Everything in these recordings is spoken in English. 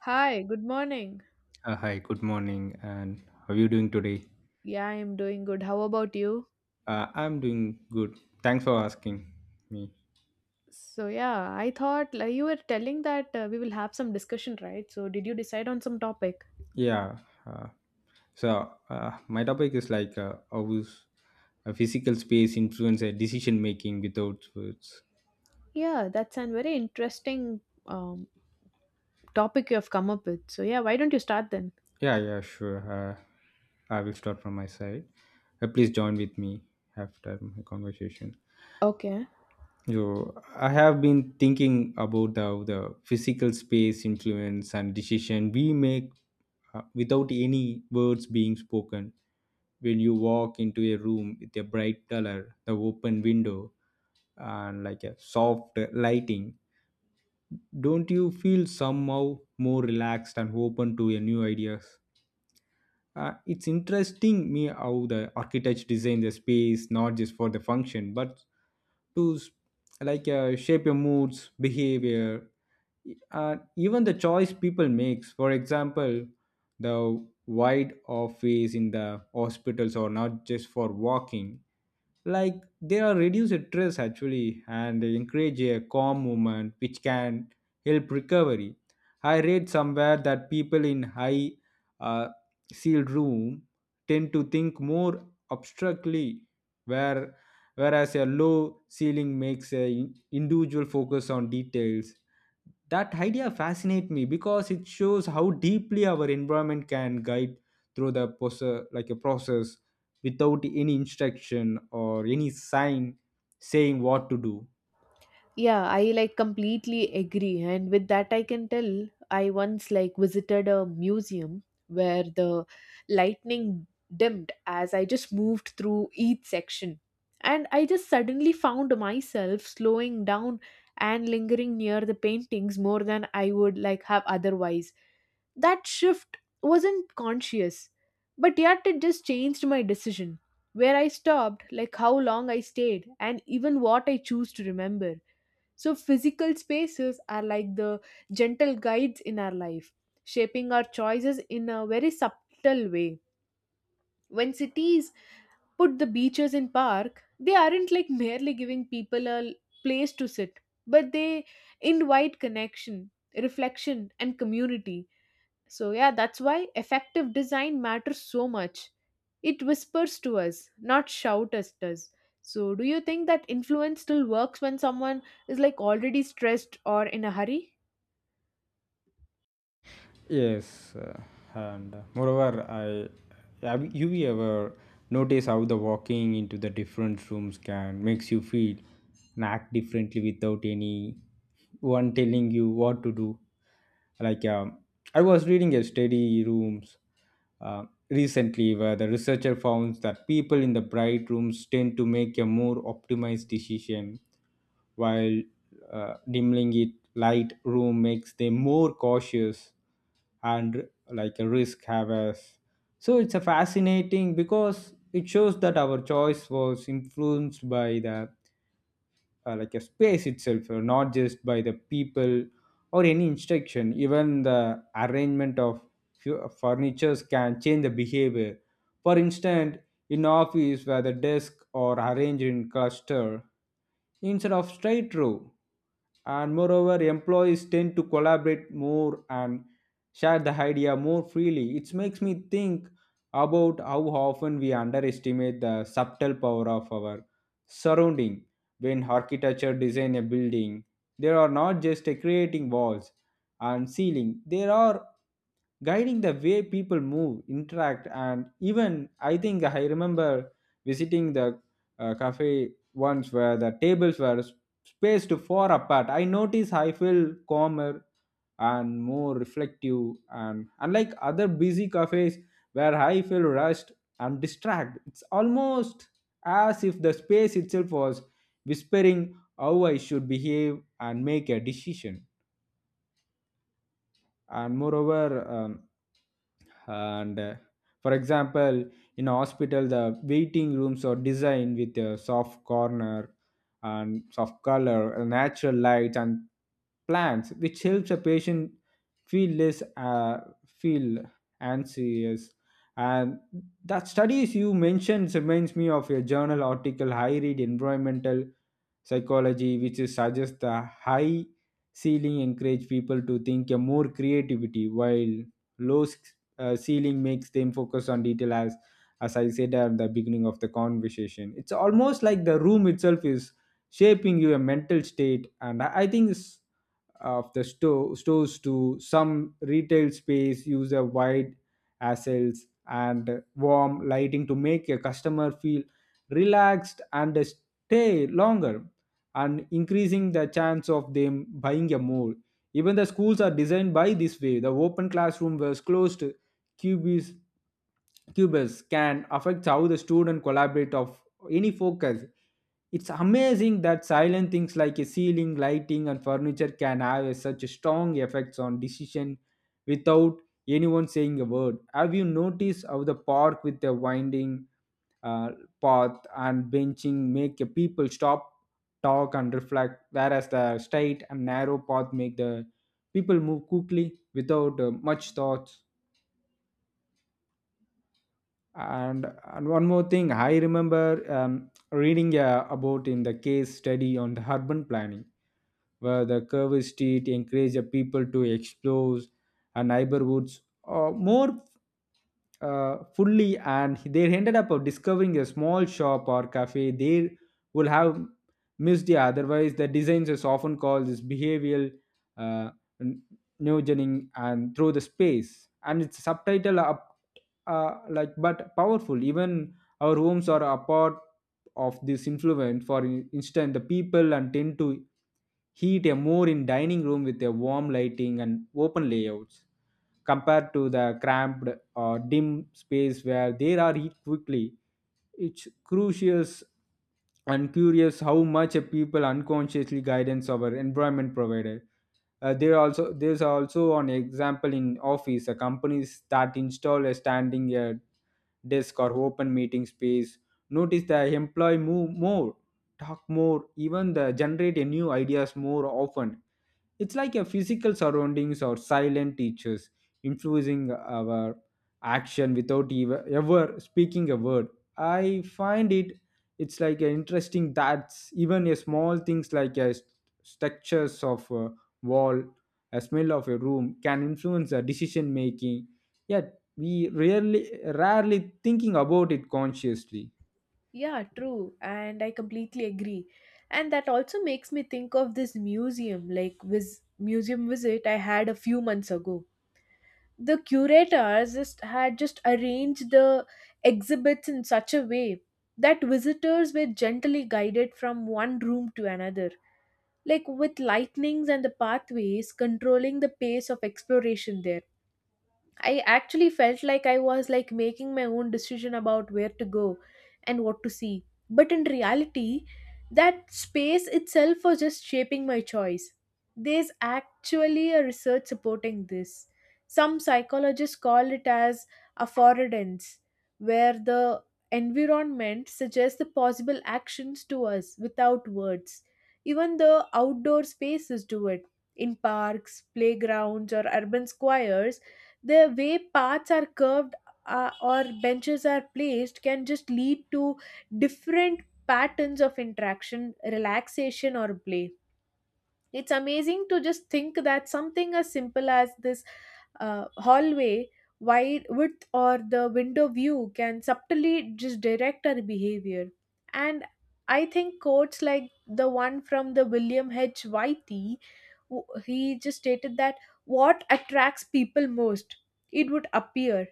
Hi, good morning. Hi, good morning, and how are you doing today? Yeah, I'm doing good. How about you? I'm doing good. Thanks for asking me. So, yeah, I thought like, you were telling that we will have some discussion, right? So, did you decide on some topic? Yeah. Uh, my topic is like how is a physical space influence a decision making without words. Yeah, that's a very interesting topic you have come up with. So, yeah, why don't you start then? Yeah, yeah, sure. I will start from my side. Please join with me after my conversation. Okay. You, I have been thinking about how the physical space influence and decision we make without any words being spoken. When you walk into a room with a bright color, the open window, and like a soft lighting, don't you feel somehow more relaxed and open to your new ideas? It's interesting me how the architects design the space not just for the function but to like shape your moods behavior even the choice people makes, for example the wide office in the hospitals or not just for walking, like they are reduce stress actually and encourage a calm movement which can help recovery. I read somewhere that people in high uh, sealed room tend to think more abstractly, where whereas a low ceiling makes a individual focus on details. That idea fascinates me because it shows how deeply our environment can guide through the process, like a process, without any instruction or any sign saying what to do. Yeah, I like completely agree. And with that, I can tell I once like visited a museum where the lightning dimmed as I just moved through each section. And I just suddenly found myself slowing down and lingering near the paintings more than I would like have otherwise. That shift wasn't conscious, but yet it just changed my decision. Where I stopped, like how long I stayed, and even what I choose to remember. So, physical spaces are like the gentle guides in our life, shaping our choices in a very subtle way. When cities put the beaches in park, they aren't like merely giving people a place to sit, but they invite connection, reflection, and community. So, yeah, that's why effective design matters so much. It whispers to us, not shout at us does. So, do you think that influence still works when someone is like already stressed or in a hurry? Yes, and moreover, I have you ever notice how the walking into the different rooms can makes you feel and act differently without any one telling you what to do. Like I was reading a study rooms recently where the researcher found that people in the bright rooms tend to make a more optimized decision, while dimming it light room makes them more cautious and like a risk havers. So it's a fascinating because it shows that our choice was influenced by the like a space itself, not just by the people or any instruction. Even the arrangement of furnitures can change the behavior. For instance, in office where the desk are arranged in cluster instead of straight row, and moreover employees tend to collaborate more and share the idea more freely. It makes me think about how often we underestimate the subtle power of our surrounding. When architecture design a building, they are not just creating walls and ceiling, they are guiding the way people move, interact, and even I think I remember visiting the cafe once where the tables were spaced far apart. I notice I feel calmer and more reflective, and unlike other busy cafes where I feel rushed and distracted, it's almost as if the space itself was whispering how I should behave and make a decision. And moreover, and for example, in hospital the waiting rooms are designed with a soft corner and soft color, natural lights and plants, which helps a patient feel less feel anxious. And that studies you mentioned reminds me of a journal article I read, environmental psychology, which is suggests the high ceiling encourage people to think a more creativity, while low ceiling makes them focus on detail. As I said at the beginning of the conversation, it's almost like the room itself is shaping your mental state. And I think this, of the store, stores to some retail space use a wide aisles and warm lighting to make a customer feel relaxed and stay longer and increasing the chance of them buying a more. Even the schools are designed by this way, the open classroom was closed cubes cubes can affect how the student collaborate of any focus. It's amazing that silent things like a ceiling lighting and furniture can have such a strong effects on decision without anyone saying a word. Have you noticed how the park with the winding uh, path and benching make a people stop, talk and reflect, whereas the straight and narrow path make the people move quickly without much thoughts? And one more thing, I remember reading about in the case study on the urban planning, where the curvy street encouraged people to explore neighborhoods more fully, and they ended up discovering a small shop or cafe they would have missed the otherwise. The designs is often called this behavioral uh, n- neogening, and through the space and its subtitle up, like but powerful. Even our homes are a part of this influence. For instance, the people and tend to heat a more in dining room with a warm lighting and open layouts compared to the cramped dim space where they are eat quickly. It's crucial and curious how much a people unconsciously guidance our environment provided. There's also an example in office, companies that install a standing desk or open meeting space notice the employee move more, talk more, even the generate a new ideas more often. It's like a physical surroundings or silent teachers influencing our action without ever speaking a word. I find it's like interesting that even a small things like a structures of a wall, a smell of a room, can influence the decision making, yet we rarely thinking about it consciously. Yeah, true. And I completely agree. And that also makes me think of this museum, like this museum visit I had a few months ago. The curators just arranged the exhibits in such a way that visitors were gently guided from one room to another, like with lightnings and the pathways controlling the pace of exploration there. I actually felt like I was like making my own decision about where to go and what to see. But in reality, that space itself was just shaping my choice. There's actually a research supporting this. Some psychologists call it as affordance, where the environment suggests the possible actions to us without words. Even the outdoor spaces do it. In parks, playgrounds, or urban squares, the way paths are curved or benches are placed can just lead to different patterns of interaction, relaxation, or play. It's amazing to just think that something as simple as this hallway wide width or the window view can subtly just direct our behavior. And I think quotes like the one from the William H. Whitey, he just stated that what attracts people most, it would appear,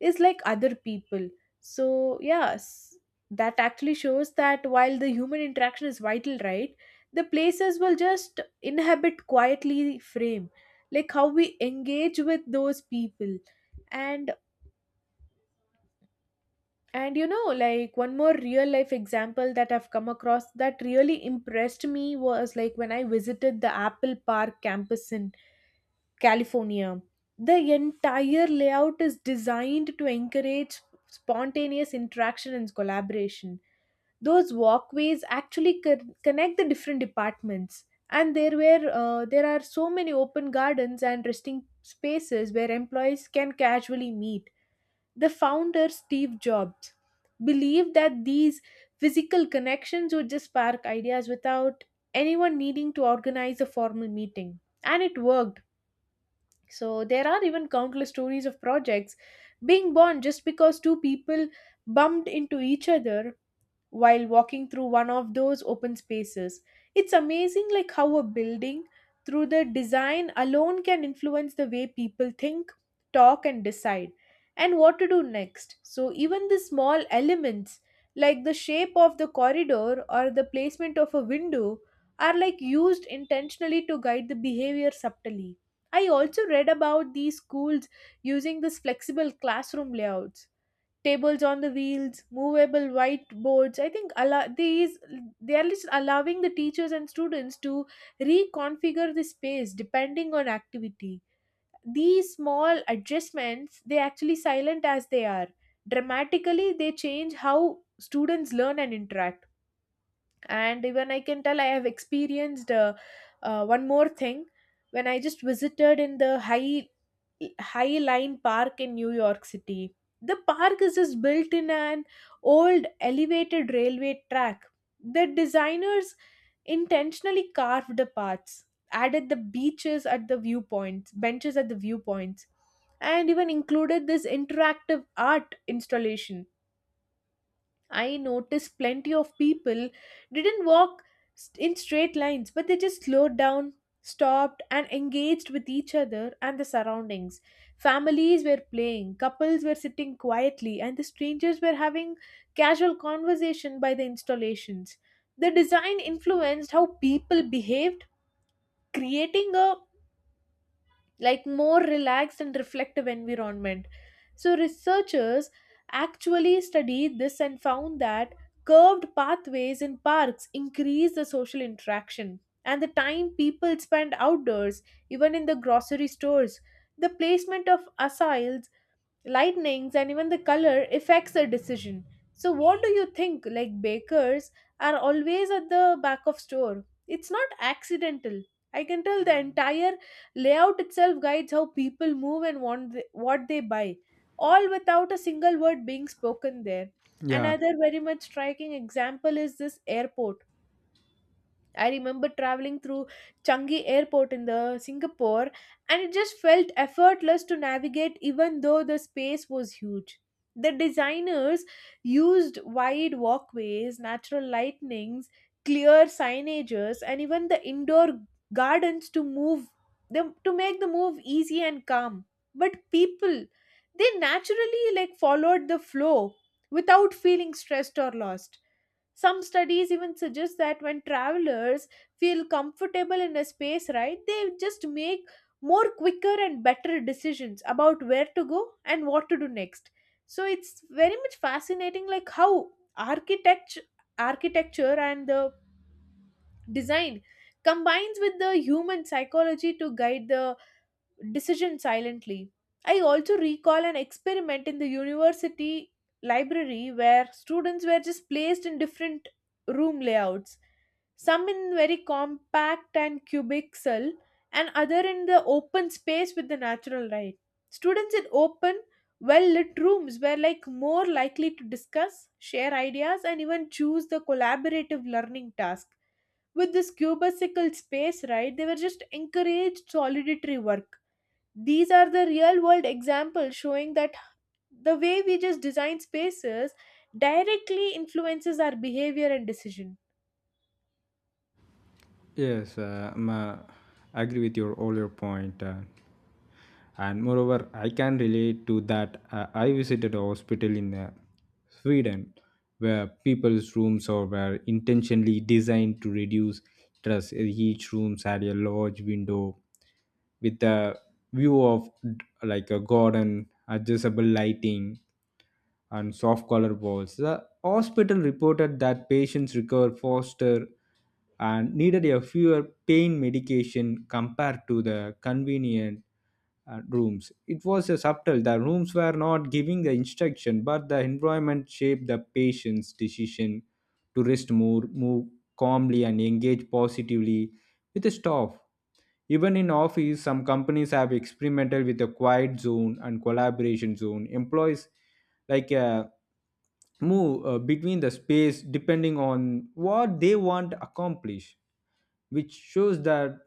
is like other people. So yes, that actually shows that while the human interaction is vital, right? The places will just inhabit quietly frame like how we engage with those people. And and you know, like one more real life example that I've come across that really impressed me was like when I visited the Apple Park campus in California. The entire layout is designed to encourage spontaneous interaction and collaboration. Those walkways actually connect the different departments, and there are so many open gardens and resting spaces where employees can casually meet. The founder Steve Jobs believed that these physical connections would just spark ideas without anyone needing to organize a formal meeting, and it worked. So there are even countless stories of projects being born just because two people bumped into each other while walking through one of those open spaces. It's amazing like how a building through the design alone can influence the way people think, talk, and decide and what to do next. So even the small elements like the shape of the corridor or the placement of a window are like used intentionally to guide the behavior subtly. I also read about these schools using this flexible classroom layouts, tables on the wheels, movable whiteboards. I think these, they are just allowing the teachers and students to reconfigure the space depending on activity. These small adjustments, they actually silent as they are. Dramatically, they change how students learn and interact. And even I can tell I have experienced one more thing when I just visited in the Highline Park in New York City. The park is just built in an old elevated railway track. The designers intentionally carved the paths, added the beaches at the viewpoints, benches at the viewpoints, and even included this interactive art installation. I noticed plenty of people didn't walk in straight lines, but they just slowed down, stopped, and engaged with each other and the surroundings. Families were playing, couples were sitting quietly, and the strangers were having casual conversation by the installations. The design influenced how people behaved, creating a like more relaxed and reflective environment. So, researchers actually studied this and found that curved pathways in parks increase the social interaction and the time people spend outdoors, even in the grocery stores. The placement of aisles, lightnings, and even the color affects a decision. So what do you think, like bakers are always at the back of store? It's not accidental. I can tell the entire layout itself guides how people move and want what they buy, all without a single word being spoken there. Yeah. Another very much striking example is this airport. I remember traveling through Changi Airport in the Singapore, and it just felt effortless to navigate even though the space was huge. The designers used wide walkways, natural lightnings, clear signages, and even the indoor gardens to move them to make the move easy and calm. But people, they naturally like followed the flow without feeling stressed or lost. Some studies even suggest that when travelers feel comfortable in a space, right, they just make more quicker and better decisions about where to go and what to do next. So it's very much fascinating, like how architecture, architecture and the design combines with the human psychology to guide the decision silently. I also recall an experiment in the university library where students were just placed in different room layouts, some in very compact and cubic cell, and other in the open space with the natural light. Students in open, well lit rooms were like more likely to discuss, share ideas, and even choose the collaborative learning task. With this cubicle space, right, they were just encouraged solitary work. These are the real world examples showing that the way we just design spaces directly influences our behavior and decision. Yes, I agree with your all your point, and moreover, I can relate to that. I visited a hospital in Sweden where people's rooms are were intentionally designed to reduce stress. Each rooms had a large window with a view of like a garden, adjustable lighting, and soft collar balls. The hospital reported that patients recovered faster and needed a fewer pain medication compared to the convenient rooms. It was a subtle. The rooms were not giving the instruction, but the environment shaped the patient's decision to rest more, move calmly, and engage positively with the staff. Even in office, some companies have experimented with a quiet zone and collaboration zone. Employees like move between the space depending on what they want to accomplish, which shows that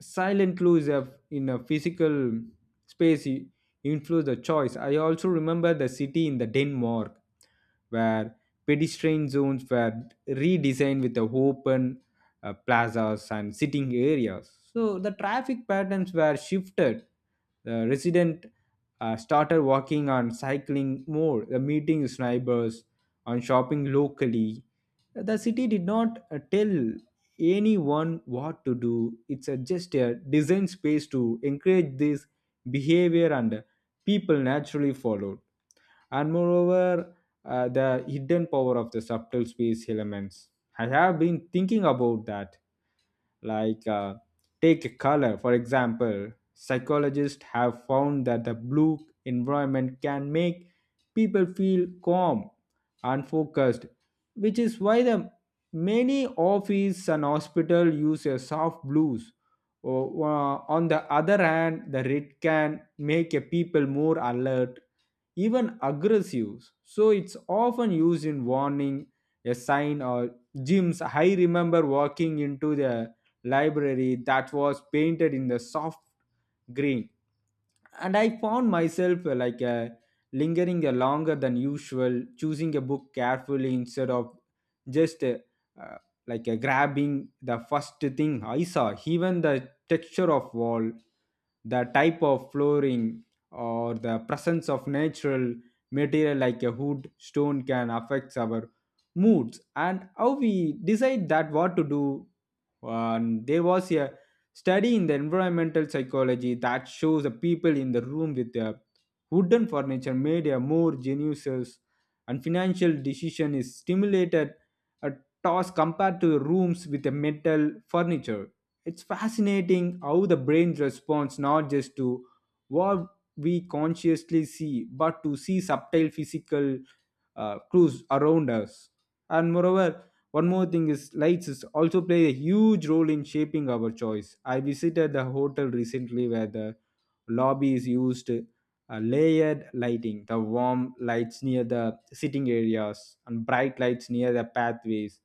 silent clues have in a physical space influence the choice. I also remember the city in the Denmark where pedestrian zones were redesigned with the open plazas and sitting areas, so the traffic patterns were shifted. The resident started walking and cycling more, the meeting his neighbors and shopping locally. The city did not tell anyone what to do. It's a, just a design space to encourage this behavior and people naturally followed. And moreover, the hidden power of the subtle space elements. I have been thinking about that, like take a color for example. Psychologists have found that the blue environment can make people feel calm and focused, which is why the many office and hospital use a soft blues. Or, on the other hand, the red can make a people more alert, even aggressive, so it's often used in warning a sign or gyms. I remember walking into the library that was painted in the soft green, and I found myself lingering longer than usual, choosing a book carefully instead of just uh, grabbing the first thing I saw. Even the texture of wall, the type of flooring, or the presence of natural material like a wood, stone, can affect our moods and how we decide that what to do. And there was a study in the environmental psychology that shows the people in the room with the wooden furniture made a more geniuses and financial decision is stimulated a task compared to rooms with the metal furniture. It's fascinating how the brain responds not just to what we consciously see but to see subtle physical clues around us. And moreover, one more thing is lights is also play a huge role in shaping our choice. I visited the hotel recently where the lobby is used layered lighting, the warm lights near the sitting areas and bright lights near the pathways.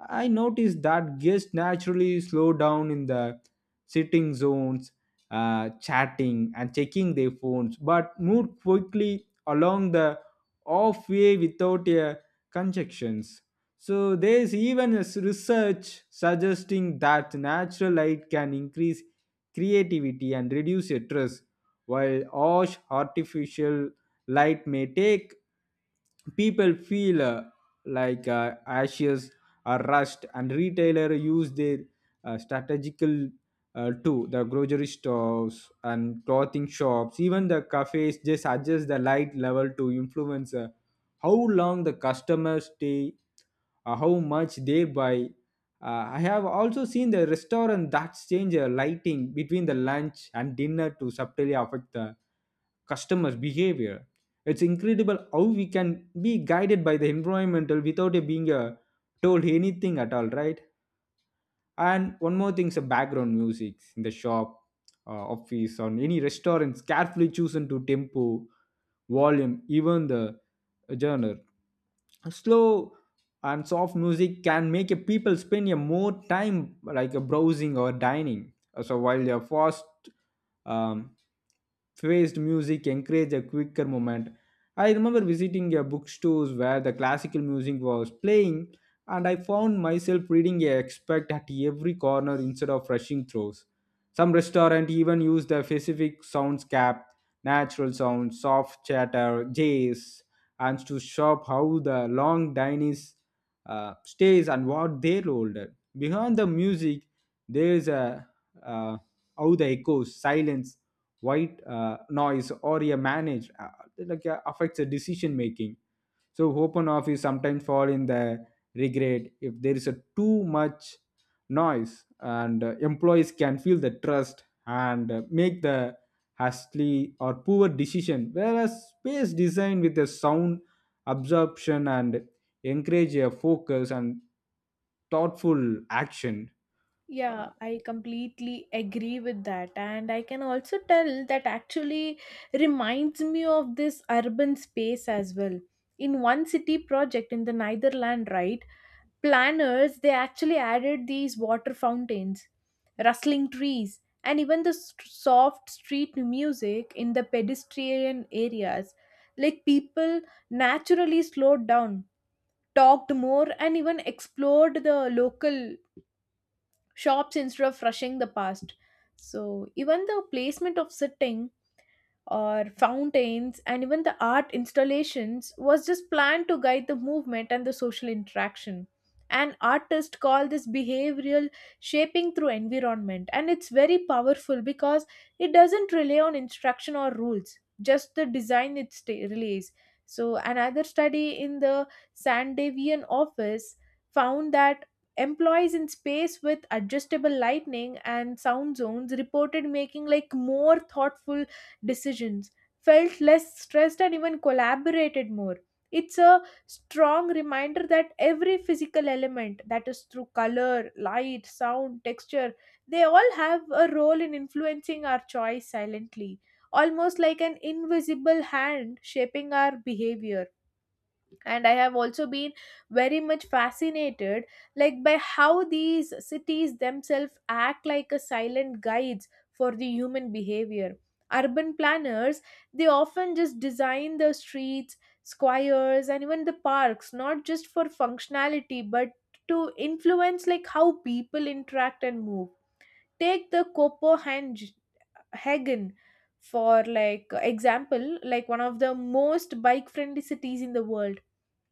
I noticed that guests naturally slow down in the sitting zones, chatting and checking their phones, but moved quickly along the off way without a conjunctions. So there's even research suggesting that natural light can increase creativity and reduce stress, while harsh artificial light may take people feel anxious are rushed. And retailer use their strategical too the grocery stores and clothing shops, even the cafes just adjust the light level to influence how long the customers stay, how much they buy. I have also seen the restaurant that change lighting between the lunch and dinner to subtly affect the customers behavior. It's incredible how we can be guided by the environmental without it being a told anything at all, right? And one more thing is the background music in the shop, uh, office on any restaurants, carefully chosen to tempo, volume, even the genre. Slow and soft music can make a people spend a more time like a browsing or dining. So while the fast um, phased music encourage a quicker moment. I remember visiting a bookstores where the classical music was playing, and I found myself reading a expert at every corner instead of rushing through. Some restaurant even use the specific soundscape: natural sounds, soft chatter, jazz, and to shop how the long diners stays and what they rolled. Behind the music, there is a uh, how the echoes, silence, white noise or a manage affects the decision making. So open office sometimes fall in the regret if there is a too much noise, and employees can feel the trust and make the hastily or poor decision, whereas space design with a sound absorption and encourage a focus and thoughtful action. Yeah, I completely agree with that. And I can also tell that actually reminds me of this urban space as well. In one city project in the Netherlands, right? Planners, they actually added these water fountains, rustling trees, and even the soft street music in the pedestrian areas. Like people naturally slowed down, talked more, and even explored the local shops instead of rushing the past. So, even the placement of sitting or fountains and even the art installations was just planned to guide the movement and the social interaction. And artists call this behavioral shaping through environment, and it's very powerful because it doesn't rely on instruction or rules, just the design it relays. So, another study in the Sandevian office found that employees in space with adjustable lighting and sound zones reported making like more thoughtful decisions, felt less stressed, and even collaborated more. It's a strong reminder that every physical element, that is through color, light, sound, texture, they all have a role in influencing our choice silently, almost like an invisible hand shaping our behavior. And I have also been very much fascinated like by how these cities themselves act like a silent guides for the human behavior. Urban planners, they often just design the streets, squares, and even the parks not just for functionality but to influence like how people interact and move. Take the Copenhagen for like example, like one of the most bike friendly cities in the world.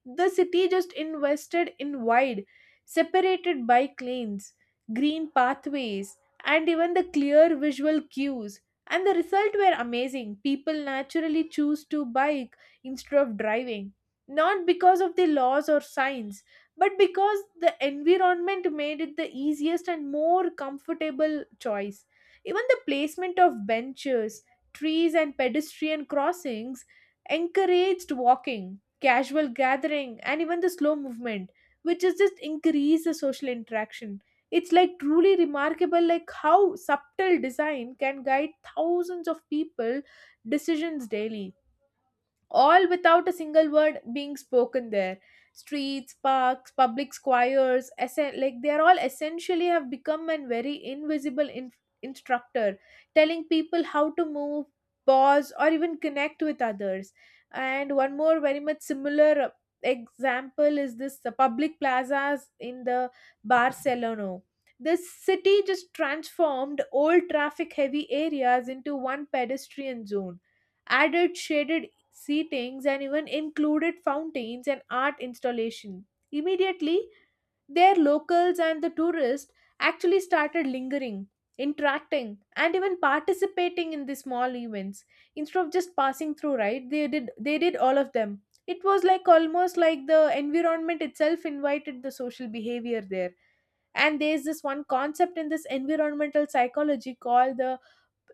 The city just invested in wide, separated by lanes, green pathways, and even the clear visual cues. And the result were amazing. People naturally choose to bike instead of driving. Not because of the laws or signs, but because the environment made it the easiest and more comfortable choice. Even the placement of benches, trees, and pedestrian crossings encouraged walking, casual gathering, and even the slow movement, which is just increase the social interaction. It's like truly remarkable, like how subtle design can guide thousands of people decisions daily, all without a single word being spoken there. Streets, parks, public squares, like they are all essentially have become a very invisible instructor telling people how to move, pause, or even connect with others. And one more very much similar example is this the public plazas in the Barcelona. This city just transformed old traffic heavy areas into one pedestrian zone, added shaded seatings, and even included fountains and art installation. Immediately, their locals and the tourists actually started lingering, interacting, and even participating in the small events instead of just passing through. Right? They did. They did all of them. It was like almost like the environment itself invited the social behavior there. And there's this one concept in this environmental psychology called the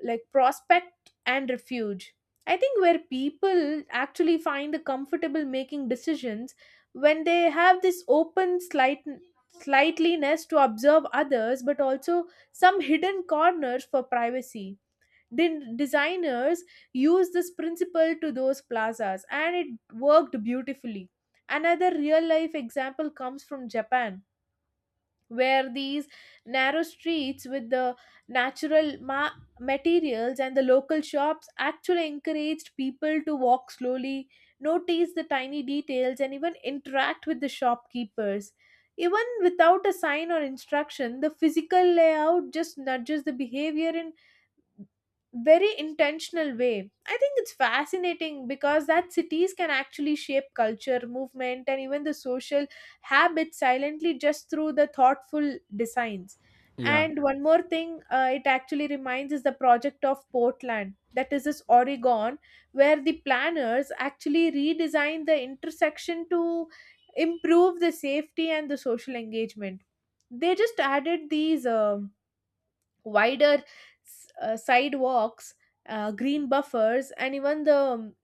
like prospect and refuge. I think where people actually find the comfortable making decisions when they have this open slightliness to observe others but also some hidden corners for privacy. Designers use this principle to those plazas, and it worked beautifully. Another real life example comes from Japan, where these narrow streets with the natural materials and the local shops actually encouraged people to walk slowly, notice the tiny details, and even interact with the shopkeepers. Even without a sign or instruction, the physical layout just nudges the behavior in very intentional way. I think it's fascinating because that cities can actually shape culture, movement, and even the social habits silently just through the thoughtful designs. Yeah. And one more thing, it actually reminds is the project of Portland, that is this Oregon, where the planners actually redesigned the intersection to improve the safety and the social engagement. They just added these. Wider sidewalks, green buffers, and even the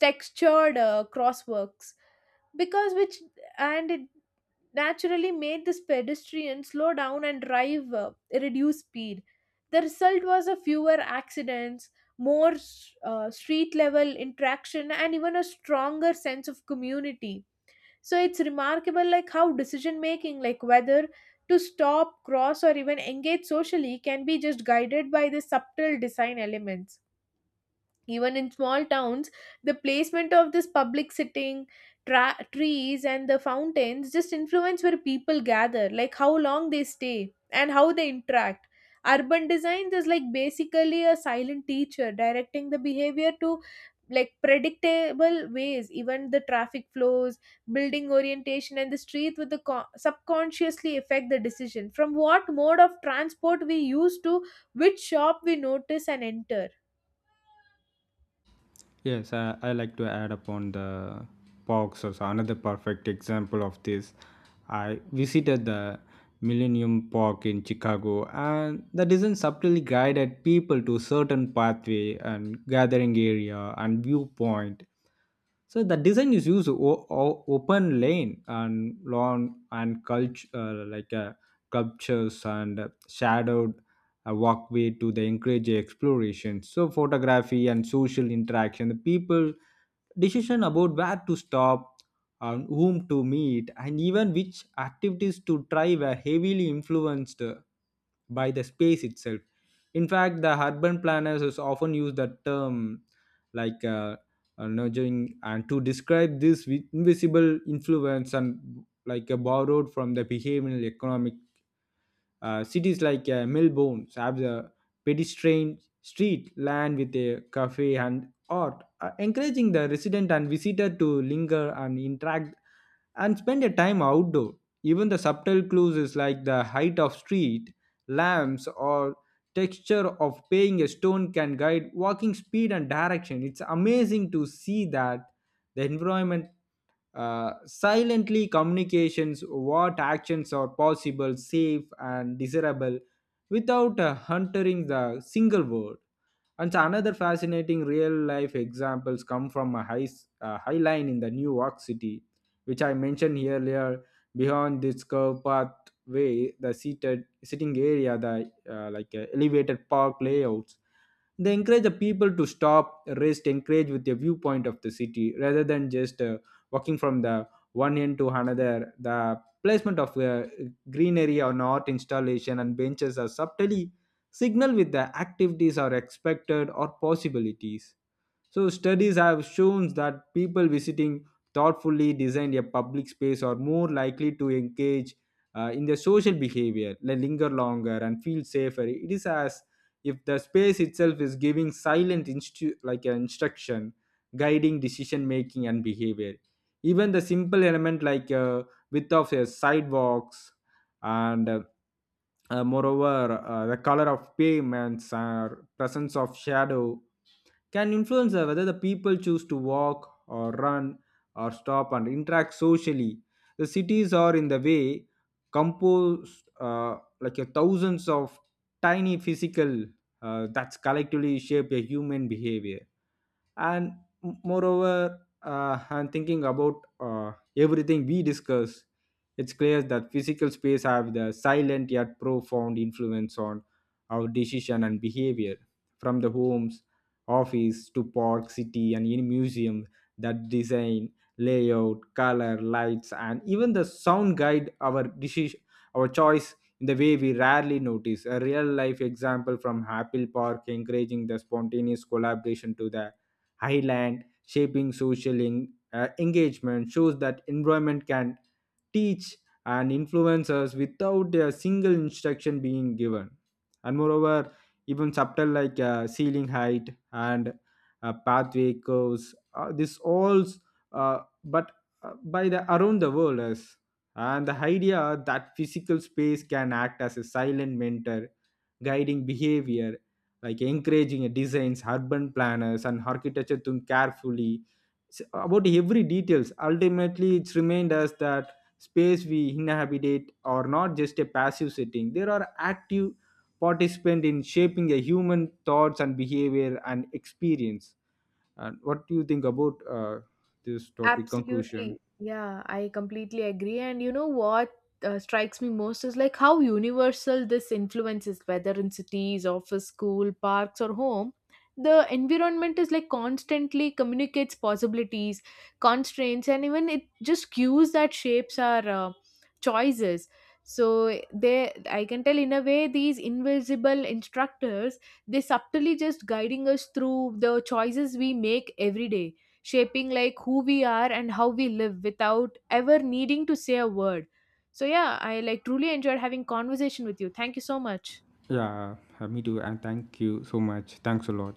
textured crosswalks. Because which, and it naturally made this pedestrian slow down and drive reduce speed. The result was a fewer accidents, more street level interaction, and even a stronger sense of community. So it's remarkable like how decision making, like whether to stop, cross, or even engage socially can be just guided by the subtle design elements. Even in small towns, the placement of this public sitting, trees, and the fountains just influence where people gather, like how long they stay and how they interact. Urban design is like basically a silent teacher directing the behavior to like predictable ways. Even the traffic flows, building orientation, and the street with the subconsciously affect the decision from what mode of transport we use to which shop we notice and enter. Yes, I like to add upon the parks. Also, another perfect example of this. I visited the Millennium Park in Chicago, and the design subtly guided people to certain pathway and gathering area and viewpoint. So the design is used open lane and lawn and culture sculptures and shadowed walkway to the encourage exploration. So photography and social interaction. The people decision about where to stop and whom to meet and even which activities to try were heavily influenced by the space itself. In fact, the urban planners is often use the term like uh, nudging and to describe this with invisible influence and like a borrowed from the behavioral economic. Cities like Melbourne have the pedestrian street lined with a cafe and art, encouraging the resident and visitor to linger and interact and spend a time outdoor. Even the subtle clues is like the height of street lamps or texture of paying a stone can guide walking speed and direction. It's amazing to see that the environment silently communications what actions are possible, safe and desirable without huntering the single word. And so another fascinating real life examples come from a high line in the New York City, which I mentioned earlier. Beyond this curved pathway, the seated sitting area, the elevated park layouts, they encourage the people to stop, rest, encourage with a viewpoint of the city rather than just walking from the one end to another. The placement of greenery or art installation and benches are subtly signal with the activities are expected or possibilities. So, studies have shown that people visiting thoughtfully designed a public space are more likely to engage in the social behavior, linger longer, and feel safer. It is as if the space itself is giving silent, like an instruction, guiding decision making and behavior. Even the simple element like width of sidewalks and moreover, the color of pavements or presence of shadow can influence whether the people choose to walk or run or stop and interact socially. The cities are in the way composed like a thousands of tiny physical that's collectively shape a human behavior. And m- moreover uh, and thinking about everything we discuss, it's clear that physical space have the silent yet profound influence on our decision and behavior. From the homes, office to park, city and any museum, that design, layout, color, lights, and even the sound guide our decision, our choice in the way we rarely notice. A real life example from Apple Park encouraging the spontaneous collaboration to the highland shaping engagement shows that environment can teach and influence us without a single instruction being given. And moreover, even subtle like ceiling height and pathway curves, this all uh, but by the around the world. As and the idea that physical space can act as a silent mentor guiding behavior, like encouraging designs, urban planners, and architecture to carefully about every details. Ultimately, it's remind us that space we inhabitate are not just a passive setting; there are active participant in shaping a human thoughts and behavior and experience. And what do you think about this topic conclusion? Absolutely. Yeah, I completely agree. And you know what, strikes me most is like how universal this influence is, whether in cities, office, school, parks, or home. The environment is like constantly communicates possibilities, constraints, and even it just cues that shapes our choices. So eh, they, I can tell in a way, these invisible instructors, they subtly just guiding us through the choices we make every day, shaping like who we are and how we live without ever needing to say a word. So yeah, I like truly enjoyed having conversation with you. Thank you so much. Yeah, me too, and thank you so much. Thanks a lot.